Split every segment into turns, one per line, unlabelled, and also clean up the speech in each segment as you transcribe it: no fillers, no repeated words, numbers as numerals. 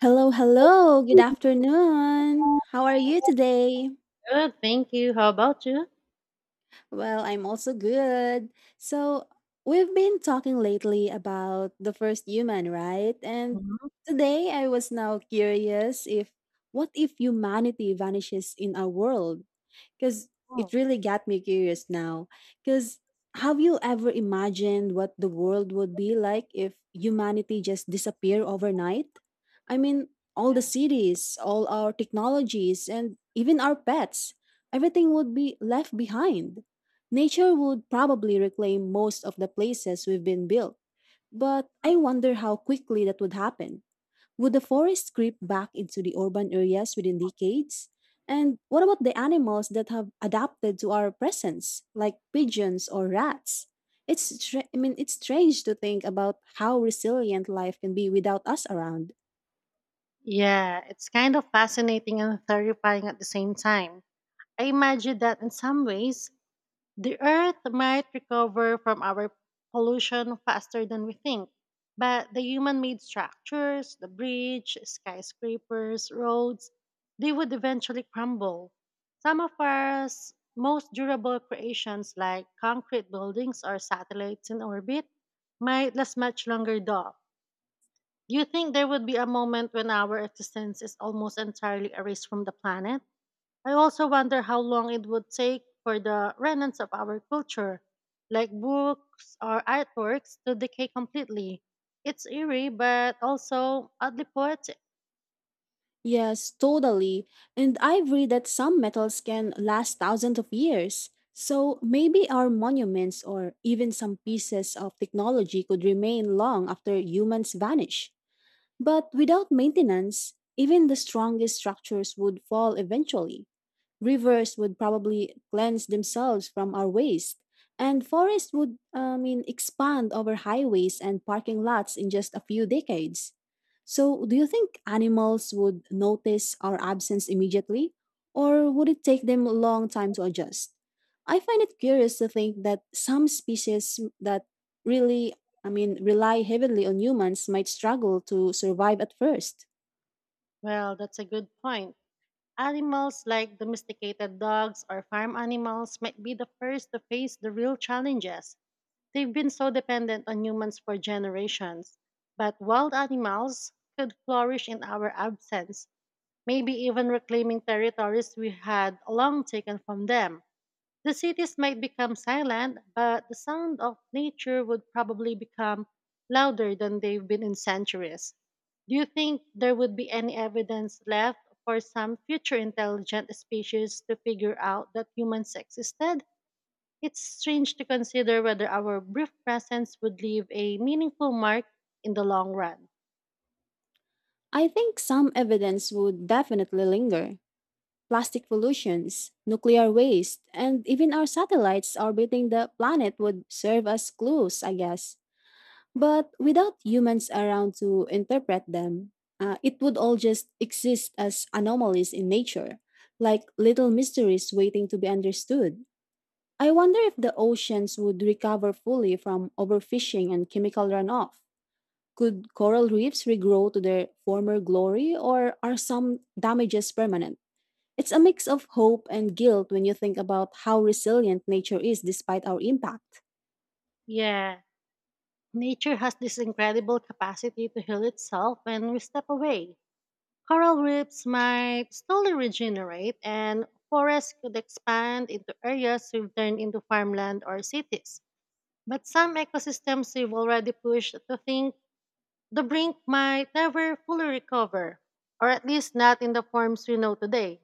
Hello, hello. Good afternoon. How are you today?
Good, thank you. How about you?
Well, I'm also good. So, we've been talking lately about the first human, right? And
Wow.
today I was now curious if what if humanity vanishes in our world? Because it really got me curious now. Because have you ever imagined what the world would be like if humanity just disappeared overnight? I mean, all the
Yeah,
cities, all our technologies, and even our pets, everything would be left behind. Nature would probably reclaim most of the places we've been built, but I wonder how quickly that would happen. Would the forests creep back into the urban areas within decades? And what about the animals that have adapted to our presence, like pigeons or rats? I mean, it's strange to think about how resilient life can be without us around.
yeah, it's kind of fascinating and terrifying at the same time. I imagine that in some ways, the Earth might recover from our pollution faster than we think, but the human made structures, the bridge, skyscrapers, roads, they would eventually crumble. Some of our most durable creations, like concrete buildings or satellites in orbit, might last much longer, though. Do you think there would be a moment when our existence is almost entirely erased from the planet? I also wonder how long it would take for the remnants of our culture, like books or artworks, to decay completely. It's eerie, but also oddly poetic.
Yes, totally. And I've read that some metals can last thousands of years. So maybe our monuments or even some pieces of technology could remain long after humans vanish. But without maintenance, even the strongest structures would fall eventually. Rivers would probably cleanse themselves from our waste, and forests would, I mean, expand over highways and parking lots in just a few decades. So, do you think animals would notice our absence immediately, or would it take them a long time to adjust? I find it curious to think that some species that really, I mean, rely heavily on humans might struggle to survive at first.
Well, that's a good point. Animals like domesticated dogs or farm animals might be the first to face the real challenges. They've been so dependent on humans for generations. But wild animals could flourish in our absence, maybe even reclaiming territories we had long taken from them. The cities might become silent, but the sound of nature would probably become louder than they've been in centuries. Do you think there would be any evidence left for some future intelligent species to figure out that humans existed? It's strange to consider whether our brief presence would leave a meaningful mark in the long run.
I think some evidence would definitely linger, plastic pollutions, nuclear waste, and even our satellites orbiting the planet would serve as clues, I guess. But without humans around to interpret them, it would all just exist as anomalies in nature, like little mysteries waiting to be understood. I wonder if the oceans would recover fully from overfishing and chemical runoff. Could coral reefs regrow to their former glory, or are some damages permanent? It's a mix of hope and guilt when you think about how resilient nature is despite our impact.
Yeah, nature has this incredible capacity to heal itself when we step away. Coral reefs might slowly regenerate, and forests could expand into areas we've turned into farmland or cities. But some ecosystems we've already pushed to think the brink might never fully recover, or at least not in the forms we know today.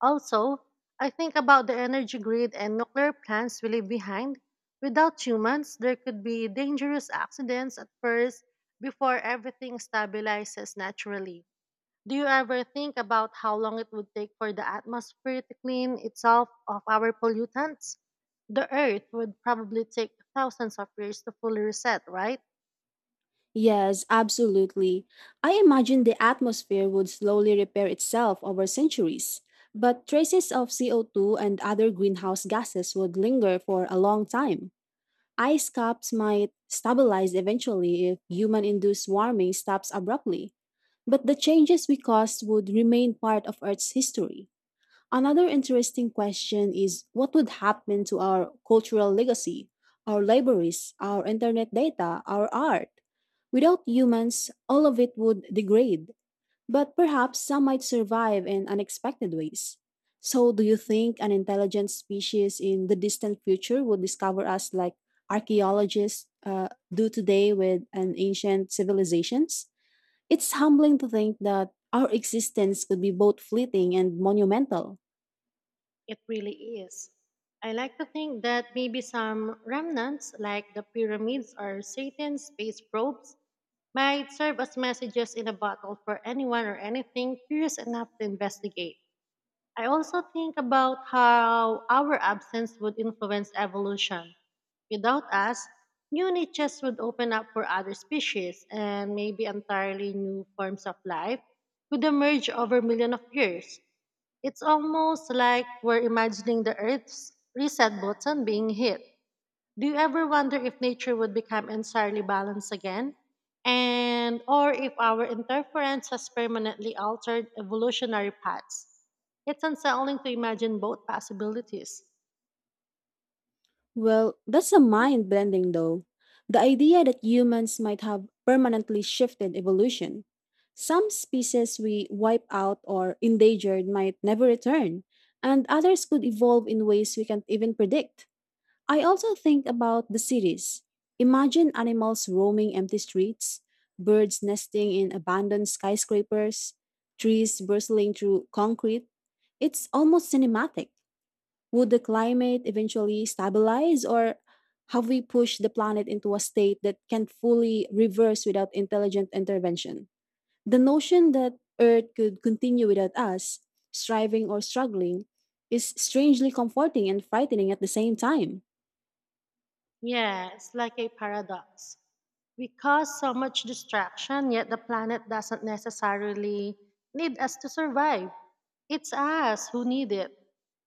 Also, I think about the energy grid and nuclear plants we leave behind. Without humans, there could be dangerous accidents at first before everything stabilizes naturally. Do you ever think about how long it would take for the atmosphere to clean itself of our pollutants? The Earth would probably take thousands of years to fully reset, right?
Yes, absolutely. I imagine the atmosphere would slowly repair itself over centuries, but traces of CO2 and other greenhouse gases would linger for a long time. Ice caps might stabilize eventually if human induced warming stops abruptly, but the changes we caused would remain part of Earth's history. Another interesting question is what would happen to our cultural legacy, our libraries, our internet data, our art? Without humans, all of it would degrade, but perhaps some might survive in unexpected ways. So, do you think an intelligent species in the distant future would discover us like archaeologists do today with an ancient civilizations? It's humbling to think that our existence could be both fleeting and monumental.
It really is. I like to think that maybe some remnants, like the pyramids or Satan's space probes, might serve as messages in a bottle for anyone or anything curious enough to investigate. I also think about how our absence would influence evolution. Without us, new niches would open up for other species, and maybe entirely new forms of life could emerge over millions of years. It's almost like we're imagining the Earth's reset button being hit. Do you ever wonder if nature would become entirely balanced again? And or if our interference has permanently altered evolutionary paths? It's unsettling to imagine both possibilities.
Well, that's a mind blending though. The idea that humans might have permanently shifted evolution. Some species we wipe out or endangered might never return, and others could evolve in ways we can't even predict. I also think about the cities. Imagine animals roaming empty streets, birds nesting in abandoned skyscrapers, trees bristling through concrete. It's almost cinematic. Would the climate eventually stabilize, or have we pushed the planet into a state that can fully reverse without intelligent intervention? The notion that Earth could continue without us, striving or struggling, is strangely comforting and frightening at the same time.
Yeah, it's like a paradox. We cause so much distraction, yet the planet doesn't necessarily need us to survive. It's us who need it.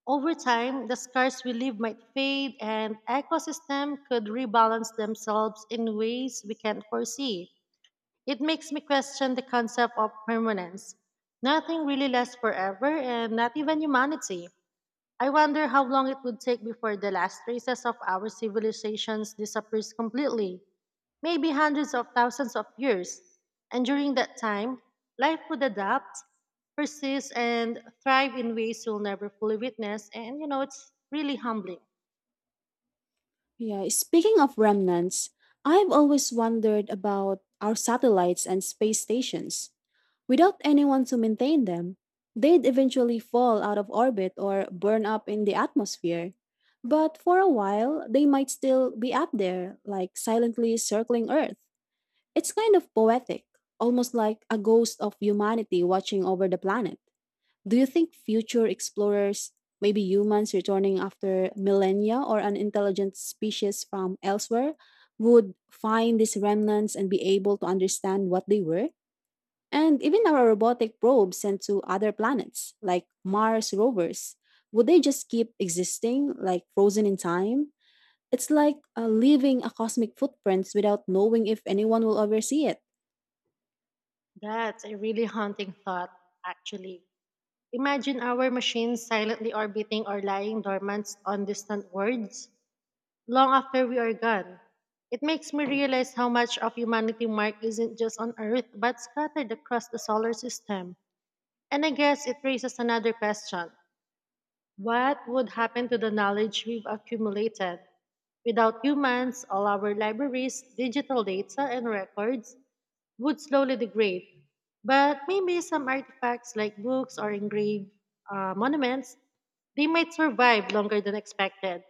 Over time, the scars we leave might fade, and ecosystem could rebalance themselves in ways we can't foresee. It makes me question the concept of permanence. Nothing really lasts forever, and not even humanity. I wonder how long it would take before the last traces of our civilizations disappears completely. Maybe hundreds of thousands of years. And during that time, life would adapt, persist and thrive in ways you'll never fully witness, and it's really humbling.
Yeah, speaking of remnants, I've always wondered about our satellites and space stations. Without anyone to maintain them, they'd eventually fall out of orbit or burn up in the atmosphere. But for a while, they might still be up there, like silently circling Earth. It's kind of poetic, almost like a ghost of humanity watching over the planet. Do you think future explorers, maybe humans returning after millennia or an intelligent species from elsewhere, would find these remnants and be able to understand what they were? And even our robotic probes sent to other planets, like Mars rovers, would they just keep existing, like frozen in time? It's like leaving a cosmic footprints without knowing if anyone will ever see it.
That's a really haunting thought, actually. Imagine our machines silently orbiting or lying dormant on distant worlds long after we are gone. It makes me realize how much of humanity mark isn't just on Earth but scattered across the solar system. And I guess it raises another question. What would happen to the knowledge we've accumulated? Without humans, all our libraries, digital data, and records, would slowly degrade. But maybe some artifacts like books or engraved monuments, they might survive longer than expected,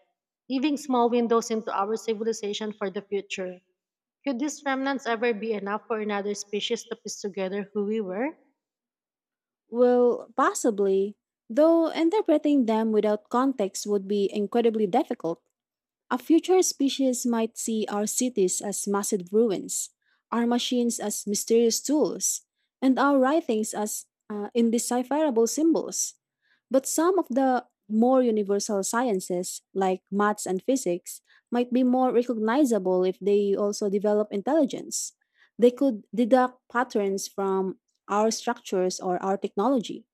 leaving small windows into our civilization for the future. Could these remnants ever be enough for another species to piece together who we were?
Well, possibly, though interpreting them without context would be incredibly difficult. A future species might see our cities as massive ruins, our machines as mysterious tools, and our writings as indecipherable symbols. But some of the more universal sciences, like maths and physics, might be more recognizable if they also develop intelligence. They could deduct patterns from our structures or our technology.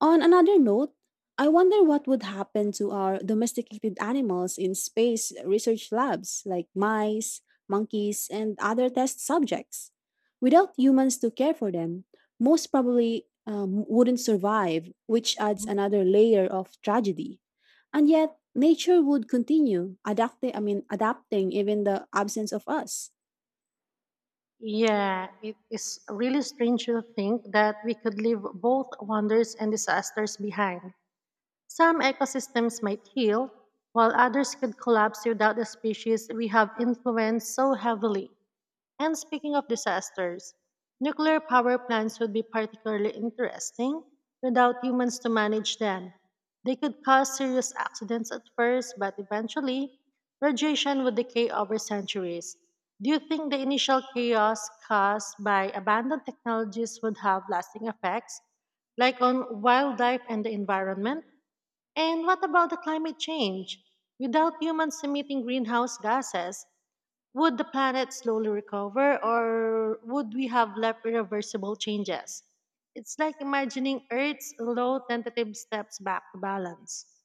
On another note, I wonder what would happen to our domesticated animals in space research labs like mice, monkeys, and other test subjects. Without humans to care for them, most probably wouldn't survive, which adds
Mhm.
another layer of tragedy. And yet, nature would continue adapting, I mean, adapting even the absence of us.
Yeah, it is really strange to think that we could leave both wonders and disasters behind. Some ecosystems might heal, while others could collapse without the species we have influenced so heavily. And speaking of disasters, nuclear power plants would be particularly interesting without humans to manage them. They could cause serious accidents at first, but eventually, radiation would decay over centuries. Do you think the initial chaos caused by abandoned technologies would have lasting effects, like on wildlife and the environment? And what about the climate change? Without humans emitting greenhouse gases, would the planet slowly recover or would we have left irreversible changes? It's like imagining Earth's low tentative steps back to balance.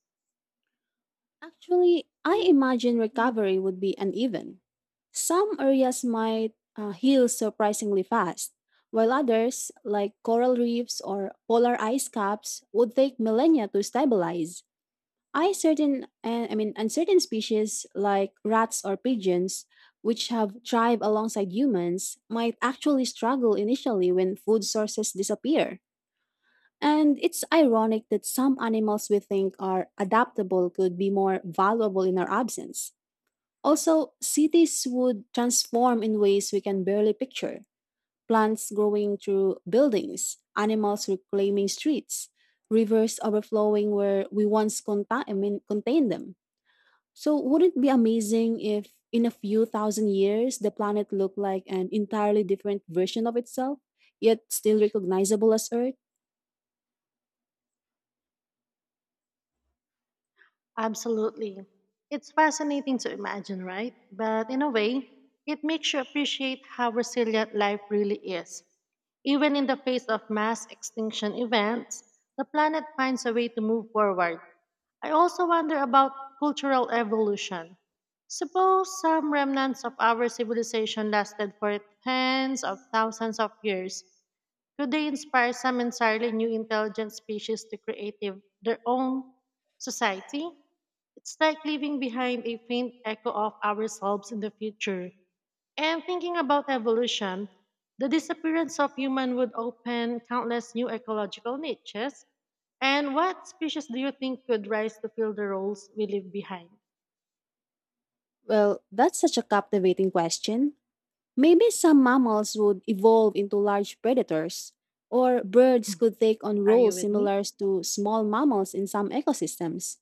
Actually, I imagine recovery would be uneven. Some areas might heal surprisingly fast, while others, like coral reefs or polar ice caps, would take millennia to stabilize. I mean, uncertain species like rats or pigeons, which have thrived alongside humans, might actually struggle initially when food sources disappear. And it's ironic that some animals we think are adaptable could be more valuable in our absence. Also, cities would transform in ways we can barely picture plants growing through buildings, animals reclaiming streets, rivers overflowing where we once I mean, contained them. So, wouldn't it be amazing if in a few thousand years the planet looked like an entirely different version of itself, yet still recognizable as Earth?
Absolutely. It's fascinating to imagine, right? But in a way, it makes you appreciate how resilient life really is. Even in the face of mass extinction events, the planet finds a way to move forward. I also wonder about cultural evolution. Suppose some remnants of our civilization lasted for tens of thousands of years. Could they inspire some entirely new intelligent species to create their own society? It's like leaving behind a faint echo of ourselves in the future. And thinking about evolution, the disappearance of human would open countless new ecological niches. And what species do you think could rise to fill the roles we leave behind?
Well, that's such a captivating question. Maybe some mammals would evolve into large predators, or birds could take on
Are you
roles
with me?
similar to small mammals in some ecosystems.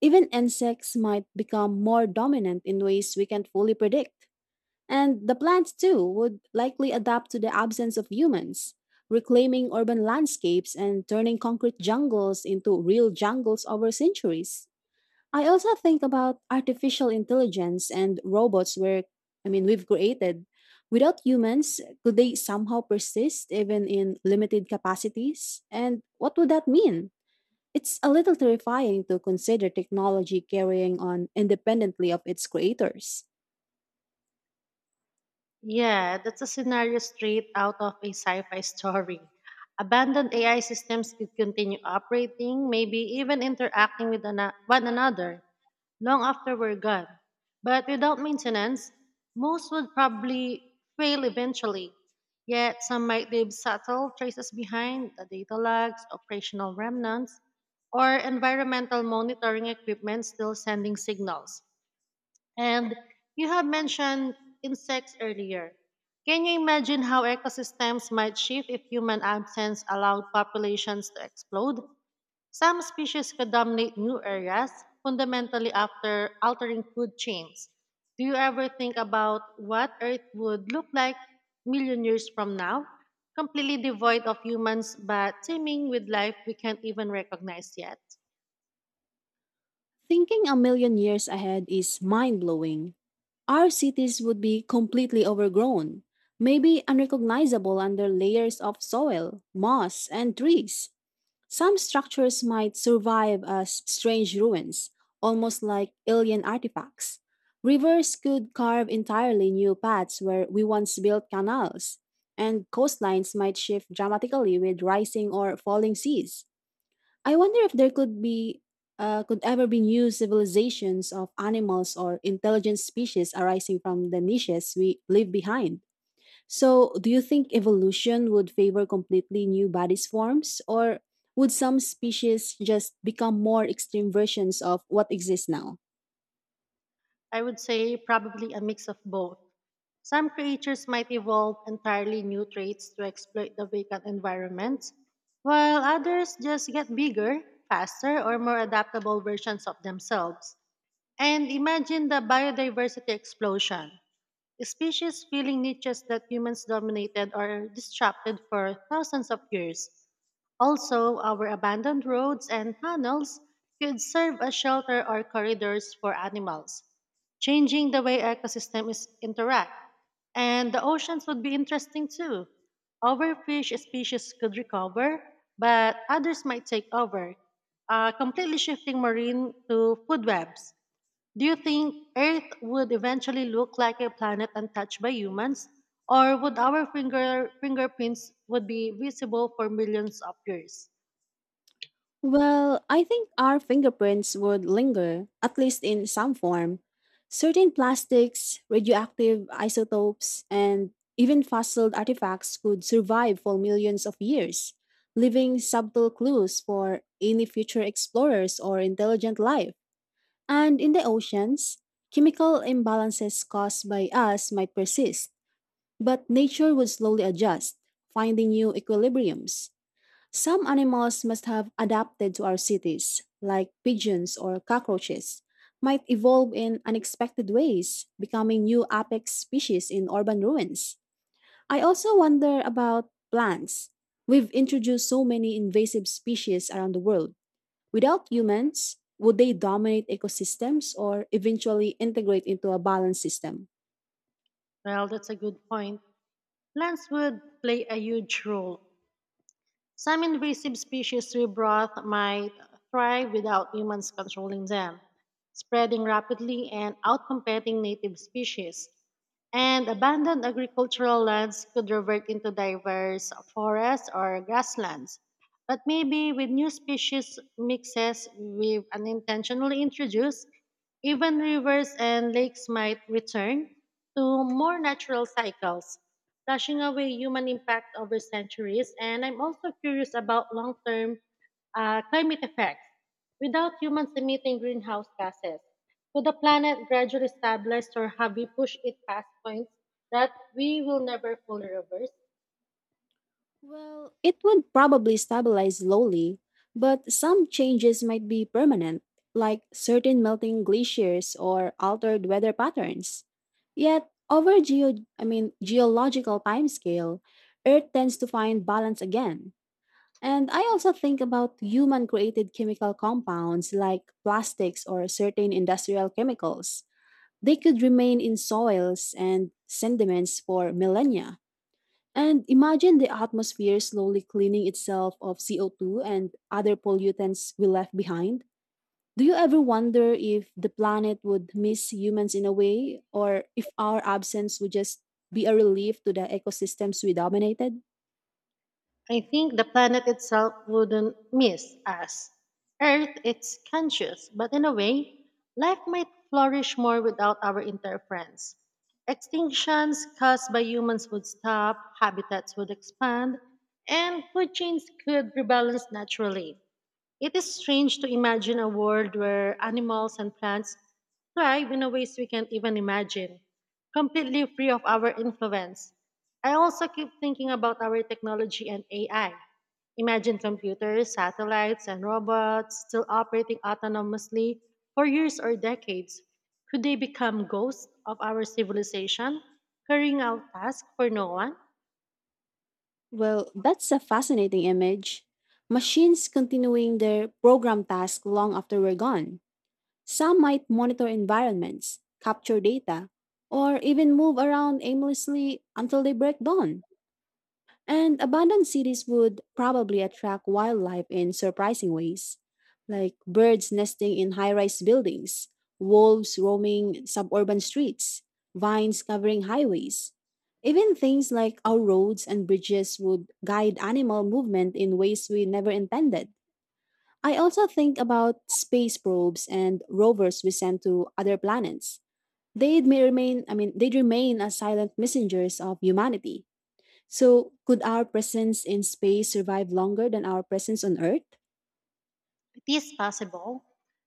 Even insects might become more dominant in ways we can't fully predict. And the plants, too, would likely adapt to the absence of humans, reclaiming urban landscapes and turning concrete jungles into real jungles over centuries. I also think about artificial intelligence and robots where I mean we've created without humans could they somehow persist even in limited capacities, and what would that mean? It's a little terrifying to consider technology carrying on independently of its creators.
Yeah, that's a scenario straight out of a sci fi story. Abandoned AI systems could continue operating, maybe even interacting with one another long after we're gone. But without maintenance, most would probably fail eventually. Yet some might leave subtle traces behind, the data logs, operational remnants, or environmental monitoring equipment still sending signals. And you have mentioned insects earlier. Can you imagine how ecosystems might shift if human absence allowed populations to explode? Some species could dominate new areas, fundamentally after altering food chains. Do you ever think about what Earth would look like million years from now? Completely devoid of humans, but teeming with life we can't even recognize yet.
Thinking a million years ahead is mind-blowing. Our cities would be completely overgrown, maybe unrecognizable under layers of soil, moss, and trees. Some structures might survive as strange ruins, almost like alien artifacts. Rivers could carve entirely new paths where we once built canals, and coastlines might shift dramatically with rising or falling seas. I wonder if there could be could ever be new civilizations of animals or intelligent species arising from the niches we leave behind. So, do you think evolution would favor completely new body forms, or would some species just become more extreme versions of what exists now?
I would say probably a mix of both. Some creatures might evolve entirely new traits to exploit the vacant environment, while others just get bigger, faster, or more adaptable versions of themselves. And imagine the biodiversity explosion. Species filling niches that humans dominated are disrupted for thousands of years. Also, our abandoned roads and tunnels could serve as shelter or corridors for animals, changing the way ecosystems interact. And the oceans would be interesting too. Overfish species could recover, but others might take over, completely shifting marine to food webs. Do you think Earth would eventually look like a planet untouched by humans, or would our fingerprints would be visible for millions of years?
Well, I think our fingerprints would linger, at least in some form. Certain plastics, radioactive isotopes, and even fossil artifacts could survive for millions of years, leaving subtle clues for any future explorers or intelligent life. And in the oceans, chemical imbalances caused by us might persist, but nature would slowly adjust, finding new equilibriums. Some animals must have adapted to our cities, like pigeons or cockroaches, might evolve in unexpected ways, becoming new apex species in urban ruins. I also wonder about plants. We've introduced so many invasive species around the world. Without humans, would they dominate ecosystems or eventually integrate into a balanced system?
Well, that's a good point. Plants would play a huge role. Some invasive species we brought might thrive without humans controlling them, spreading rapidly and outcompeting native species. And abandoned agricultural lands could revert into diverse forests or grasslands. But maybe with new species mixes we've unintentionally introduced, even rivers and lakes might return to more natural cycles, brushing away human impact over centuries. And I'm also curious about long term climate effects. Without humans emitting greenhouse gases, could the planet gradually stabilize or have we pushed it past points that we will never fully reverse?
Well, it would probably stabilize slowly, but some changes might be permanent, like certain melting glaciers or altered weather patterns. Yet, over geo I mean geological timescale, Earth tends to find balance again. And I also think about human created chemical compounds like plastics or certain industrial chemicals. They could remain in soils and sediments for millennia. And imagine the atmosphere slowly cleaning itself of CO2 and other pollutants we left behind. Do you ever wonder if the planet would miss humans in a way, or if our absence would just be a relief to the ecosystems we dominated?
I think the planet itself wouldn't miss us. Earth is conscious, but in a way, life might flourish more without our interference. Extinctions caused by humans would stop, habitats would expand, and food chains could rebalance naturally. It is strange to imagine a world where animals and plants thrive in a ways we can't even imagine, completely free of our influence. I also keep thinking about our technology and AI. Imagine computers, satellites, and robots still operating autonomously for years or decades. Could they become ghosts of our civilization, carrying out tasks for no one?
Well, that's a fascinating image. Machines continuing their program task long after we're gone. Some might monitor environments, capture data, or even move around aimlessly until they break dawn. And abandoned cities would probably attract wildlife in surprising ways, like birds nesting in high rise buildings, wolves roaming suburban streets, vines covering highways. Even things like our roads and bridges would guide animal movement in ways we never intended. I also think about space probes and rovers we send to other planets. I mean, they remain as silent messengers of humanity. So, could our presence in space survive longer than our presence on Earth?
It is possible.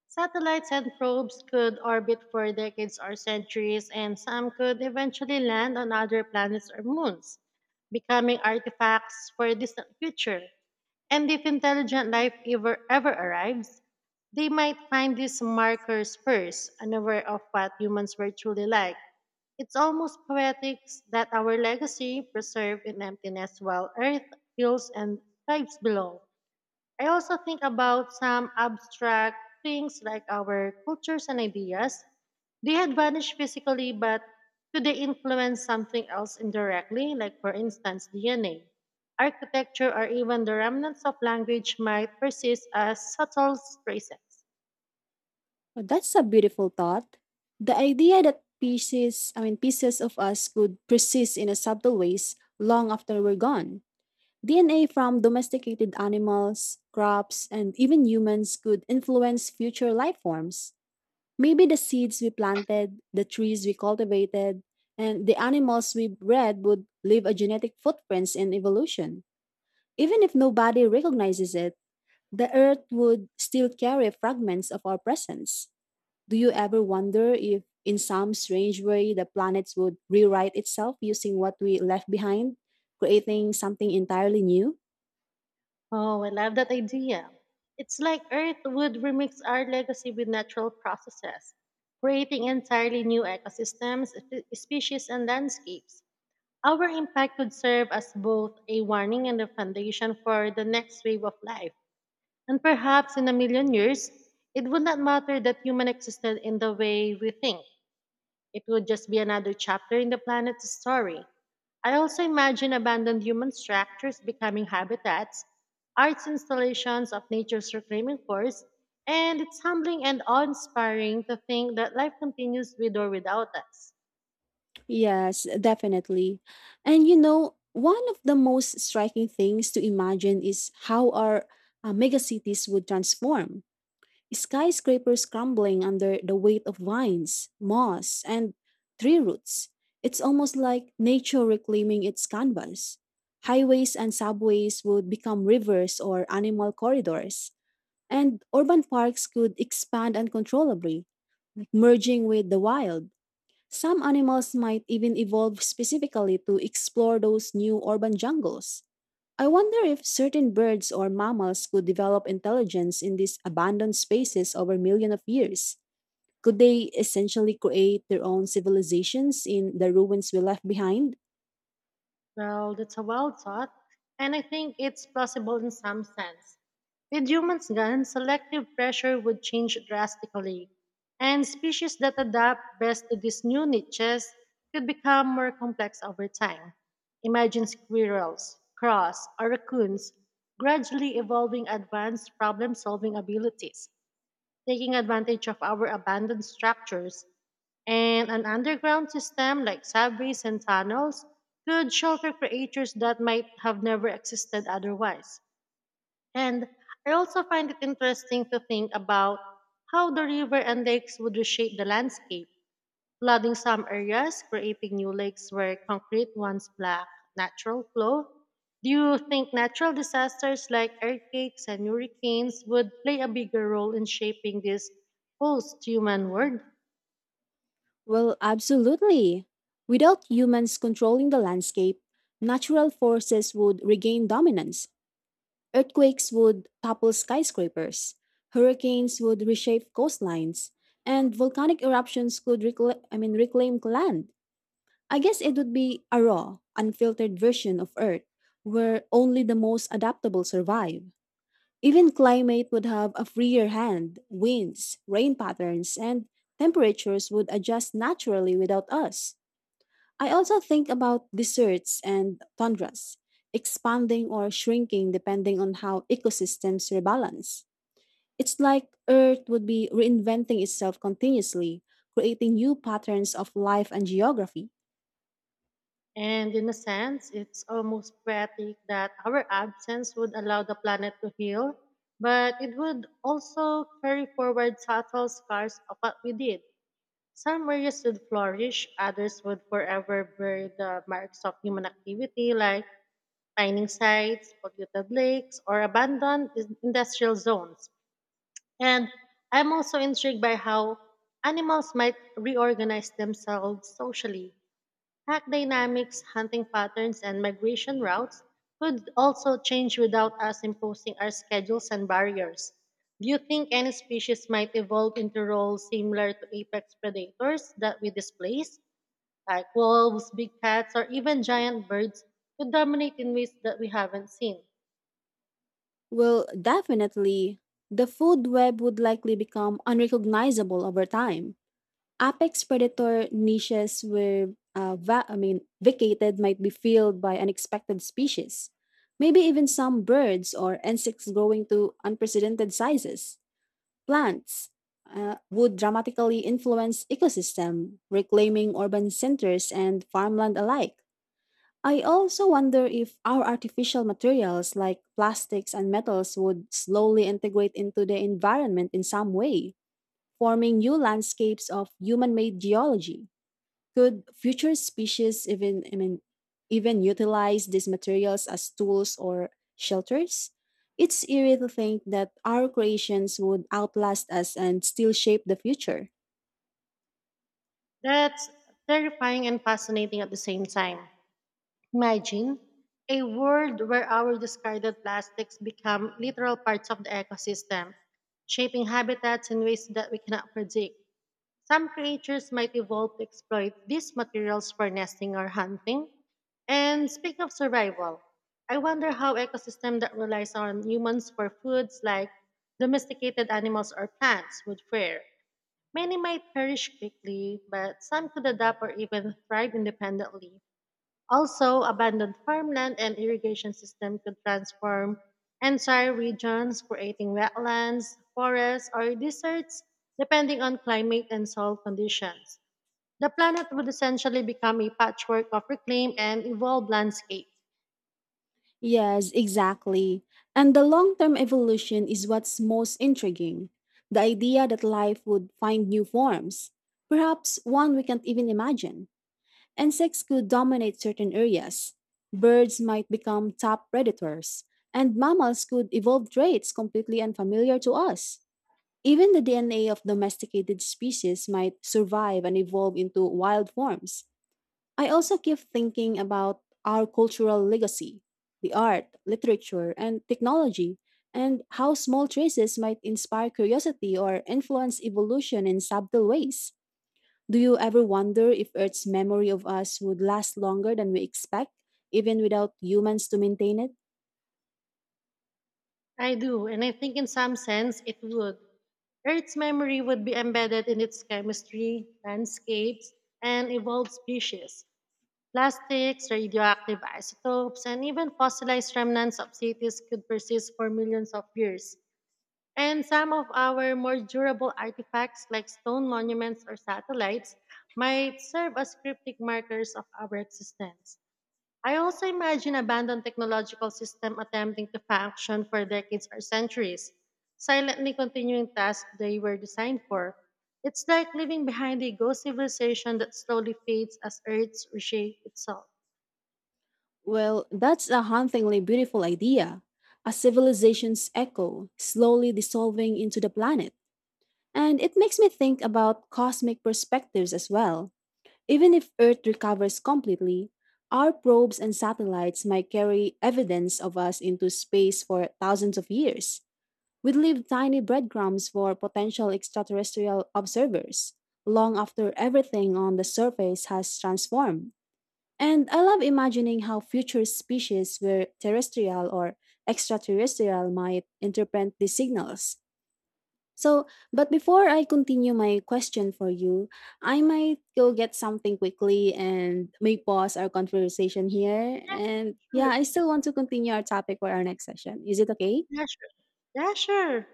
Satellites and probes could orbit for decades or centuries, and some could eventually land on other planets or moons, becoming artifacts for a distant future. And if intelligent life ever arrives, they might find these markers first, unaware of what humans were truly like. It's almost poetic that our legacy preserved in emptiness while Earth heals and thrives below. I also think about some abstract things like our cultures and ideas. They had vanished physically, but could they influence something else indirectly, like, for instance, DNA? Architecture or even the remnants of language might persist as subtle traces.
Well, that's a beautiful thought. The idea that pieces, I mean, pieces of us could persist in a subtle ways long after we're gone. DNA from domesticated animals, crops, and even humans could influence future life forms. Maybe the seeds we planted, the trees we cultivated, and the animals we bred would leave a genetic footprints in evolution. Even if nobody recognizes it, the earth would still carry fragments of our presence. Do you ever wonder if, in some strange way, the planets would rewrite itself using what we left behind, creating something entirely new?
Oh, I love that idea. It's like Earth would remix our legacy with natural processes, creating entirely new ecosystems, species, and landscapes. Our impact could serve as both a warning and a foundation for the next wave of life. And perhaps in a million years, it would not matter that human existed in the way we think. It would just be another chapter in the planet's story. I also imagine abandoned human structures becoming habitats, arts installations of nature's reclaiming force, and it's humbling and awe inspiring to think that life continues with or without us.
Yes, definitely. And you know, one of the most striking things to imagine is how our megacities would transform. Skyscrapers crumbling under the weight of vines, moss, and tree roots. It's almost like nature reclaiming its canvas. Highways and subways would become rivers or animal corridors, and urban parks could expand uncontrollably, merging with the wild. Some animals might even evolve specifically to explore those new urban jungles. I wonder if certain birds or mammals could develop intelligence in these abandoned spaces over millions of years. Could they essentially create their own civilizations in the ruins we left behind?
Well, that's a wild thought, and I think it's plausible in some sense. With humans gone, selective pressure would change drastically, and species that adapt best to these new niches could become more complex over time. Imagine squirrels, crows, or raccoons gradually evolving advanced problem solving abilities, taking advantage of our abandoned structures. And an underground system like subways and tunnels could shelter creatures that might have never existed otherwise. And I also find it interesting to think about how the river and lakes would reshape the landscape, flooding some areas, creating new lakes where concrete once black. Natural flow. Do you think natural disasters like earthquakes and hurricanes would play a bigger role in shaping this post human world?
Well, absolutely. Without humans controlling the landscape, natural forces would regain dominance. Earthquakes would topple skyscrapers, hurricanes would reshape coastlines, and volcanic eruptions could reclaim land. I guess it would be a raw, unfiltered version of Earth where only the most adaptable survive. Even climate would have a freer hand, winds, rain patterns, and temperatures would adjust naturally without us. I also think about deserts and tundras, expanding or shrinking depending on how ecosystems rebalance. It's like Earth would be reinventing itself continuously, creating new patterns of life and geography.
And in a sense, it's almost poetic that our absence would allow the planet to heal, but it would also carry forward subtle scars of what we did. Some areas would flourish, others would forever bear the marks of human activity like mining sites, polluted lakes, or abandoned industrial zones. And I'm also intrigued by how animals might reorganize themselves socially. Pack dynamics, hunting patterns, and migration routes could also change without us imposing our schedules and barriers. Do you think any species might evolve into roles similar to apex predators that we displace, like wolves, big cats, or even giant birds, could dominate in ways that we haven't seen?
Well, definitely, the food web would likely become unrecognizable over time. Apex predator niches were vacated might be filled by unexpected species. Maybe even some birds or insects growing to unprecedented sizes. Plants would dramatically influence ecosystem, reclaiming urban centers and farmland alike. I also wonder if our artificial materials like plastics and metals would slowly integrate into the environment in some way, forming new landscapes of human made geology. Could future species even even utilize these materials as tools or shelters? It's eerie to think that our creations would outlast us and still shape the future.
That's terrifying and fascinating at the same time. Imagine a world where our discarded plastics become literal parts of the ecosystem, shaping habitats in ways that we cannot predict. Some creatures might evolve to exploit these materials for nesting or hunting. And speak of survival, I wonder how ecosystems that relies on humans for foods like domesticated animals or plants would fare. Many might perish quickly, but some could adapt or even thrive independently. Also, abandoned farmland and irrigation system could transform entire regions, creating wetlands, forests, or deserts depending on climate and soil conditions. The planet would essentially become a patchwork of reclaimed and evolved landscape.
Yes, exactly. And the long term evolution is what's most intriguing, the idea that life would find new forms, perhaps one we can't even imagine. Insects could dominate certain areas. Birds might become top predators. And mammals could evolve traits completely unfamiliar to us. Even the DNA of domesticated species might survive and evolve into wild forms. I also keep thinking about our cultural legacy, the art, literature, and technology, and how small traces might inspire curiosity or influence evolution in subtle ways. Do you ever wonder if Earth's memory of us would last longer than we expect, even without humans to maintain it?
I do, and I think in some sense it would. Earth's memory would be embedded in its chemistry, landscapes, and evolved species. Plastics, radioactive isotopes, and even fossilized remnants of cities could persist for millions of years. And some of our more durable artifacts, like stone monuments or satellites, might serve as cryptic markers of our existence. I also imagine abandoned technological systems attempting to function for decades or centuries, silently continuing tasks they were designed for. It's like leaving behind a ghost civilization that slowly fades as Earth reshapes itself.
Well, that's a hauntingly beautiful idea. A civilization's echo, slowly dissolving into the planet. And it makes me think about cosmic perspectives as well. Even if Earth recovers completely, our probes and satellites might carry evidence of us into space for thousands of years. We'd leave tiny breadcrumbs for potential extraterrestrial observers, long after everything on the surface has transformed. And I love imagining how future species, were terrestrial or extraterrestrial, might interpret these signals. So, but before I continue my question for you, I might go get something quickly and may pause our conversation here. And yeah,
Sure.
I still want to continue our topic for our next session. Is it okay?
Yeah, sure. Yeah, sure.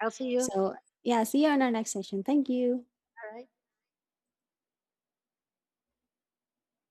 I'll see you. All
So, yeah, see you on our next session. Thank you.
right.